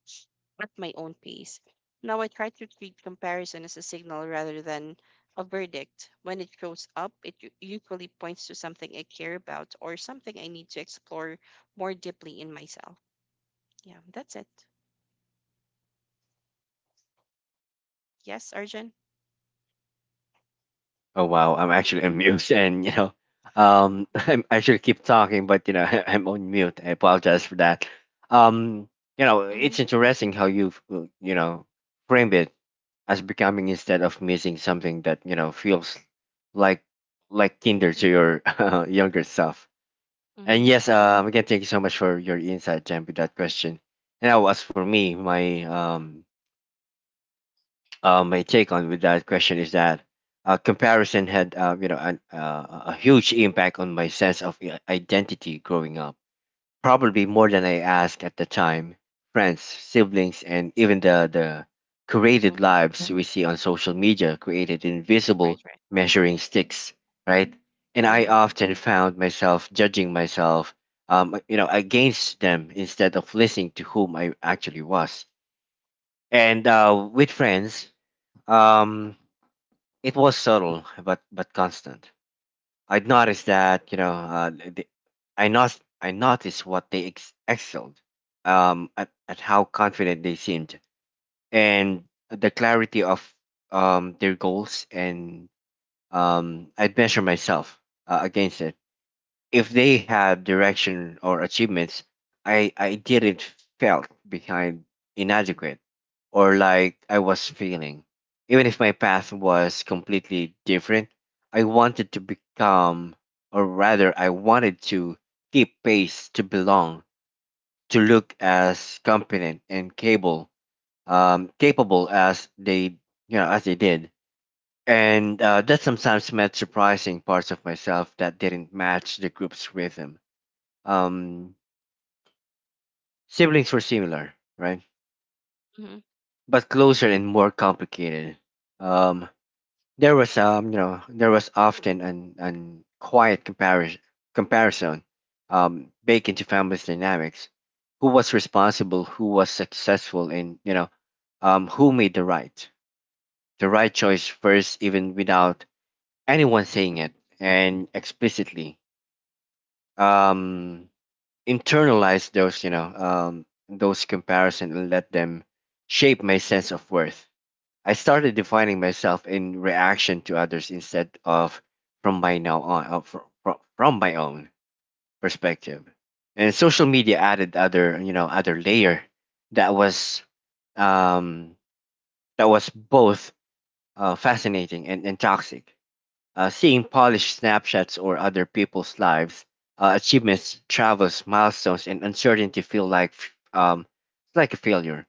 at my own pace. Now I try to treat comparison as a signal rather than a verdict. When it shows up, it usually points to something I care about or something I need to explore more deeply in myself. Yeah, that's it. Yes, Arjun? Oh wow, I'm actually [LAUGHS] on mute, and you know, [LAUGHS] I should keep talking, but you know, [LAUGHS] I'm on mute. I apologize for that. Um, you know, Mm-hmm, it's interesting how you've framed it as becoming instead of missing something that feels like like kinder to your [LAUGHS] younger self. And mm-hmm, yes, again, thank you so much for your insight, Jen, with that question. And now, as for me, my take on with that question is that comparison had a huge impact on my sense of identity growing up. Probably more than I asked at the time. Friends, siblings, and even the created mm-hmm. lives we see on social media created invisible Right, right. measuring sticks, right? And I Mm-hmm, often found myself judging myself, against them instead of listening to whom I actually was. And with friends, um, it was subtle, but constant. I'd noticed that you know, the, I not I noticed what they excelled at how confident they seemed, and the clarity of their goals, and I'd measure myself against it. If they had direction or achievements, I didn't, felt behind, inadequate, or like I was failing. Even if my path was completely different, I wanted to become I wanted to keep pace, to belong, to look as competent and capable, as they, as they did. And that sometimes meant surprising parts of myself that didn't match the group's rhythm. um, Siblings were similar, right? mm-hmm. But closer and more complicated. Um, there was there was often an quiet comparison baked into family dynamics. Who was responsible? Who was successful? And who made the right choice first, even without anyone saying it and explicitly. Um, internalize those those comparisons and let them shape my sense of worth. I started defining myself in reaction to others instead of from my now on, from my own perspective. And social media added other, other layer that was um that was both fascinating and toxic. Seeing polished snapshots or other people's lives, achievements, travels, milestones, and uncertainty feel like it's like a failure.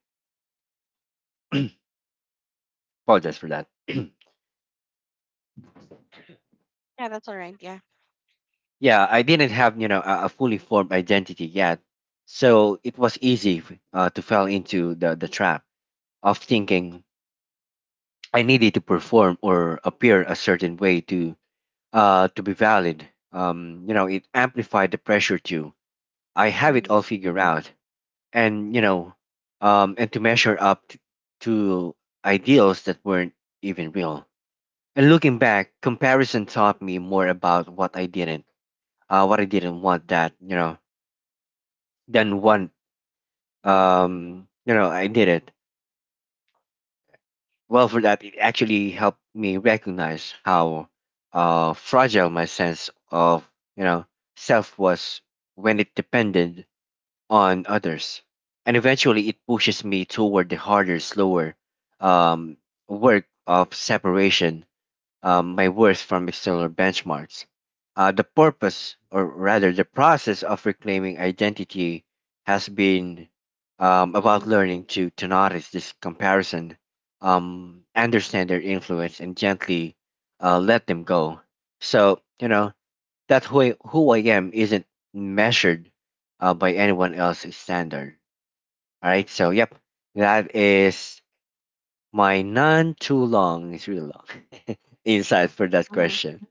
Apologize for that. Yeah, that's all right. Yeah. Yeah, I didn't have a fully formed identity yet, so it was easy to fall into the trap of thinking I needed to perform or appear a certain way to be valid. You know, it amplified the pressure to I have it Mm-hmm, all figured out, and and to measure up to ideals that weren't even real. And looking back, comparison taught me more about what I didn't, what I didn't want that than one you know I did. It Well, for that it actually helped me recognize how fragile my sense of, you know self was when it depended on others. And eventually it pushes me toward the harder, slower um, work of separation, my worth from external benchmarks. The purpose, or rather the process of reclaiming identity has been about mm-hmm, learning to notice this comparison, understand their influence, and gently let them go. So, you know, that who who I am isn't measured by anyone else's standard. All right. So, yep, that is my none too long, it's really long [LAUGHS] insight for that hmm. question.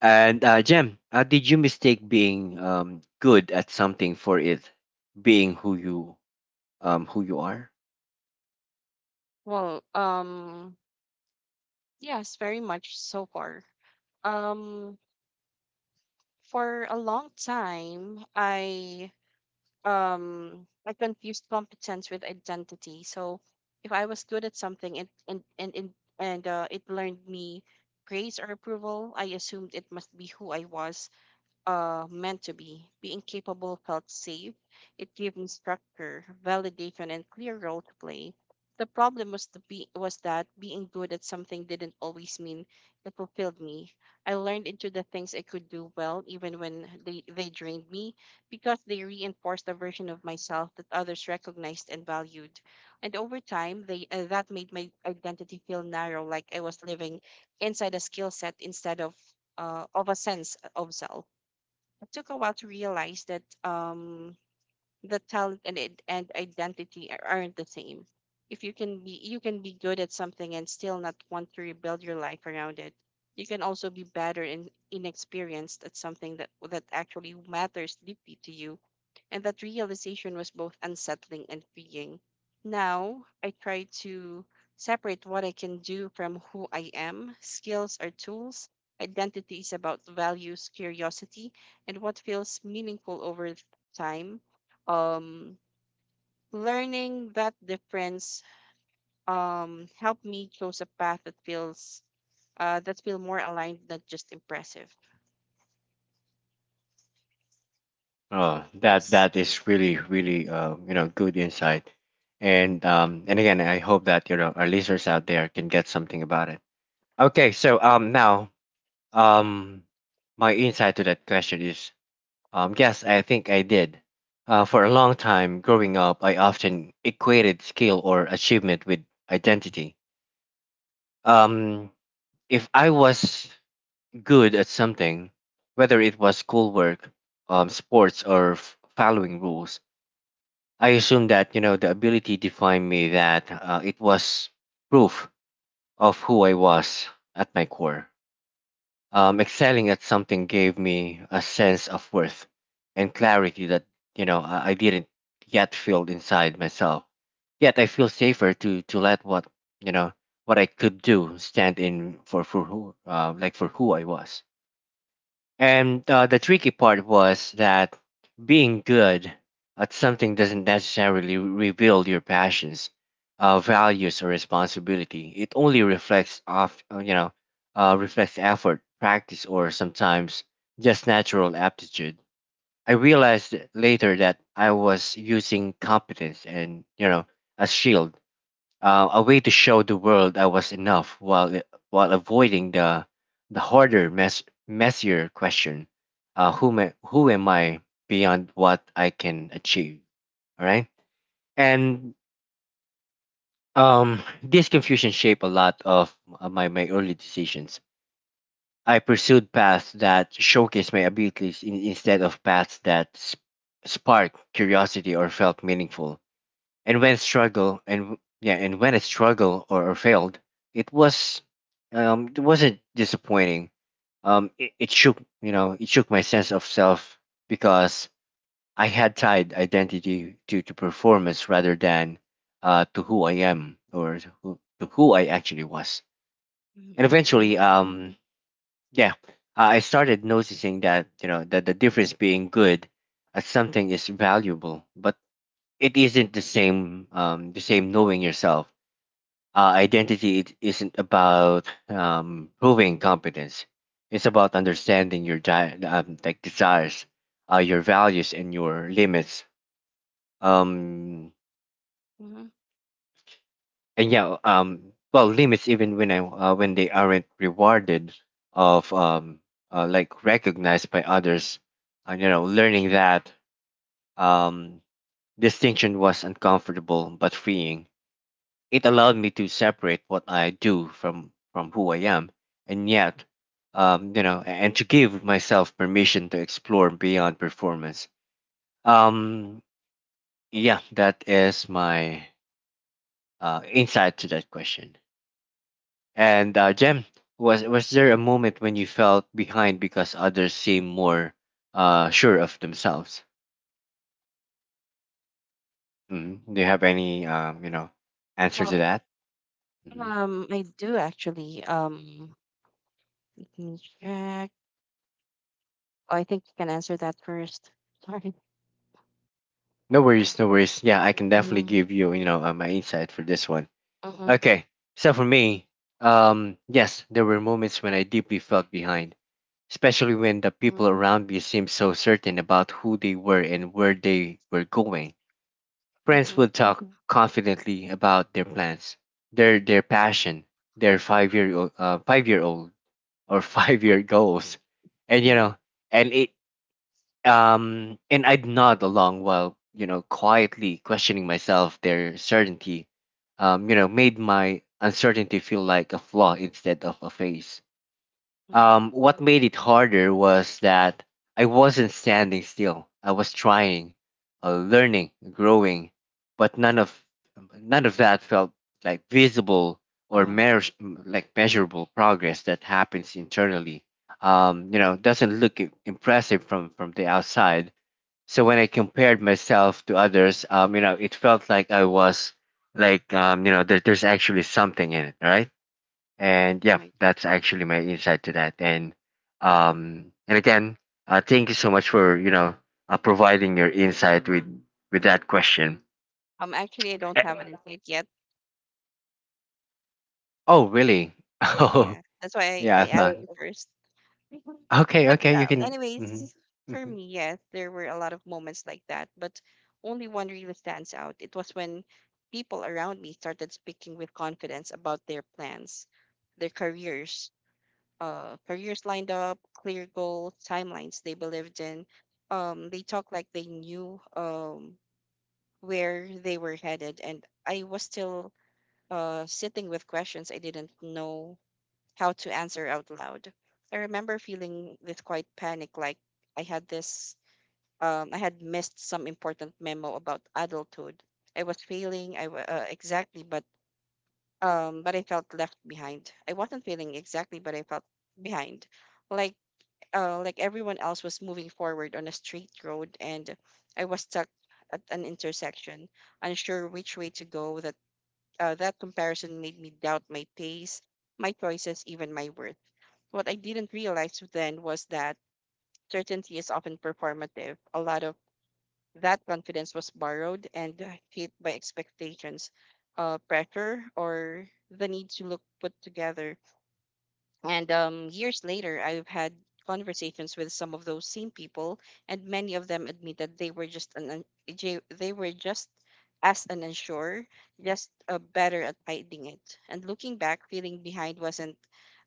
And, Jem, did you mistake being good at something for it being who you are? Well, yes, very much so far. Um, for a long time, I confused competence with identity. So if I was good at something, it and it learned me praise or approval. I assumed it must be who I was meant to be. Being capable felt safe. It gave me structure, validation, and clear role to play. The problem was that being good at something didn't always mean it fulfilled me. I learned into the things I could do well, even when they drained me, because they reinforced a version of myself that others recognized and valued. And over time, they that made my identity feel narrow, like I was living inside a skill set instead of a sense of self. It took a while to realize that talent and identity aren't the same. If you can be you can be good at something and still not want to rebuild your life around it. You can also be better and inexperienced at something that actually matters deeply to you. And that realization was both unsettling and freeing. Now I try to separate what I can do from who I am. Skills are tools. Identity is about values, curiosity, and what feels meaningful over time. Um learning that difference helped me choose a path that feels that feel more aligned, not just impressive. Oh, that Yes. that is Mm-hmm. really really good insight, and again I hope that our listeners out there can get something about it. Okay, so now Um, my insight to that question is yes, I think I did. For a long time growing up, I often equated skill or achievement with identity. Um, if I was good at something, whether it was schoolwork, sports, or following rules, I assumed that the ability defined me. That it was proof of who I was at my core. Excelling at something gave me a sense of worth and clarity that I didn't yet feel inside myself. Yet I feel safer to let what you know what I could do stand in for who like for who I was. And the tricky part was that being good at something doesn't necessarily reveal your passions, values, or responsibility. It only reflects off, you know, reflects effort, practice, or sometimes just natural aptitude. I realized later that I was using competence and a shield, a way to show the world I was enough while avoiding the harder messier question, who am I beyond what I can achieve. All right and This confusion shaped a lot of my early decisions. I pursued paths that showcased my abilities in, instead of paths that sparked curiosity or felt meaningful. And when struggle and yeah and when it struggled, or failed, it was it wasn't disappointing. It shook, it shook my sense of self, because I had tied identity to performance rather than to who I am or to who I actually was. And Mm-hmm. eventually, Mm-hmm. Yeah i I started noticing that, that the difference, being good at something is valuable, but it isn't the same, the same knowing yourself. Identity, it isn't about proving competence, it's about understanding your desires, your values and your limits. Um Hmm. and yeah well Limits, even when I when they aren't rewarded of, like recognized by others. And learning that um distinction was uncomfortable but freeing. It allowed me to separate what I do from who I am, and yet, and to give myself permission to explore beyond performance. Um, yeah, that is my insight to that question. And Jem, was there a moment when you felt behind because others seem more sure of themselves? Do you have any, answer to well that? hmm um I do, actually. Let me check. Oh, I think you can answer that first. [LAUGHS] Sorry. No worries, no worries. Yeah, I can definitely Mm-hmm. give you, my insight for this one. Mm-hmm. Okay, so for me, yes, there were moments when I deeply felt behind, especially when the people Mm-hmm. around me seemed so certain about who they were and where they were going. Friends Mm-hmm. would talk confidently about their plans, their passion, their 5 year old or [LAUGHS] 5 year goals, and Mm-hmm. And it, I'd nod along while, quietly questioning myself. Their certainty, made my uncertainty feel like a flaw instead of a phase. Hmm. What made it harder was that I wasn't standing still. I was trying, learning, growing, but none of that felt like visible or Uh-huh. Measurable progress that happens internally. Doesn't look impressive from the outside. So when I compared myself to others, it felt like I was like you know there, there's actually something in it, right? And yeah, Right. that's actually my insight to that. And again Thank you so much for, providing your insight with that question. Actually, I don't Eh, have an insight yet. oh really? [LAUGHS] oh Yeah, that's why i, yeah, i I asked thought you first. Mhm. okay But okay you can. Anyways, for me, yes, there were a lot of moments like that, but only one really stands out. It was when people around me started speaking with confidence about their plans, their careers, lined up, clear goals, timelines they believed in. They talked like they knew where they were headed, and I was still sitting with questions I didn't know how to answer out loud. I remember feeling this quite panic, like I had this, I had missed some important memo about adulthood. I was feeling, exactly, but I felt left behind. I wasn't feeling exactly, but I felt behind, like everyone else was moving forward on a straight road, and I was stuck at an intersection, unsure which way to go. That comparison made me doubt my pace, my choices, even my worth. What I didn't realize then was that certainty is often performative. A lot of that confidence was borrowed and shaped by expectations, pressure, or the need to look put together. And years later, I've had conversations with some of those same people, and many of them admitted they were just as an unsure, just better at hiding it. And looking back, feeling behind wasn't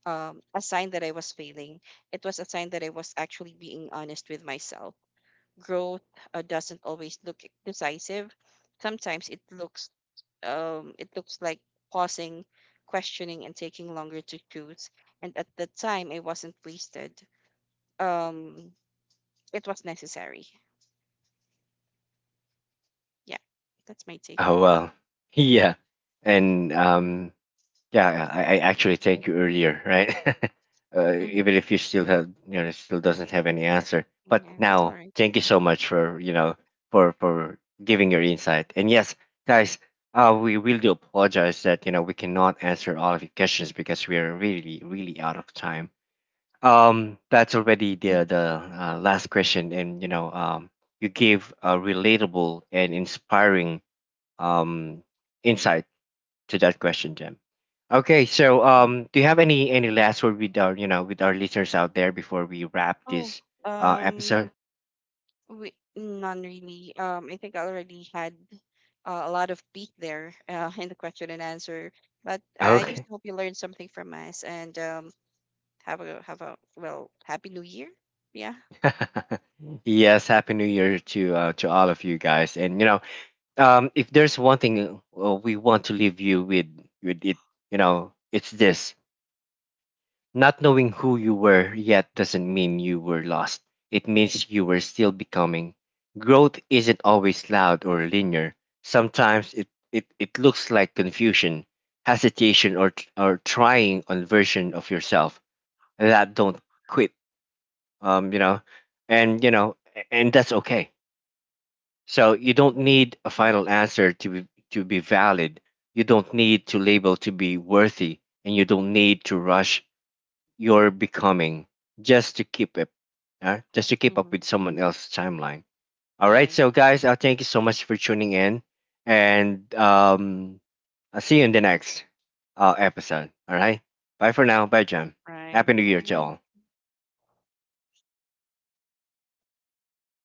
a sign that I was failing. It was a sign that I was actually being honest with myself. Growth doesn't always look decisive. Sometimes it looks like pausing, questioning, and taking longer to choose. And at the time, it wasn't wasted. Um, it was necessary. Yeah, that's my take. Oh well, [LAUGHS] yeah. and Yeah, yeah, I actually thank you earlier, right? [LAUGHS] Mm-hmm. Even if you still have, still doesn't have any answer. But Yeah, that's all now, right. thank you so much for, for giving your insight. And yes, guys, we really do apologize that we cannot answer all of your questions because we are really, really out of time. That's Mm-hmm. already the last question, and you gave a relatable and inspiring um insight to that question, Jim. Okay, so Mm-hmm. Do you have any last word with our with our listeners out there before we wrap Oh, this um, episode? None really. I think I already had a lot of beat there, [LAUGHS] in the question and answer. But I just Okay. hope you learned something from us, and have a well, happy new year. Yeah. [LAUGHS] Yes, happy New Year to all of you guys. And if there's one thing we want to leave you with with it, it's this. Not knowing who you were yet doesn't mean you were lost. It means you were still becoming. Growth isn't always loud or linear. Sometimes it looks like confusion, hesitation, or trying on version of yourself that don't quit, um, you know, and, you know, and that's okay. So you don't Mm-hmm. need a final answer to be valid. You don't need to label to be worthy, and you don't need to rush you're becoming just to keep it, just to keep up Mm-hmm. with someone else's timeline. All right, Right. so guys, thank you so much for tuning in, and I'll see you in the next episode. All right, bye for now. Bye, Jam. Right. Happy New Year And to all. I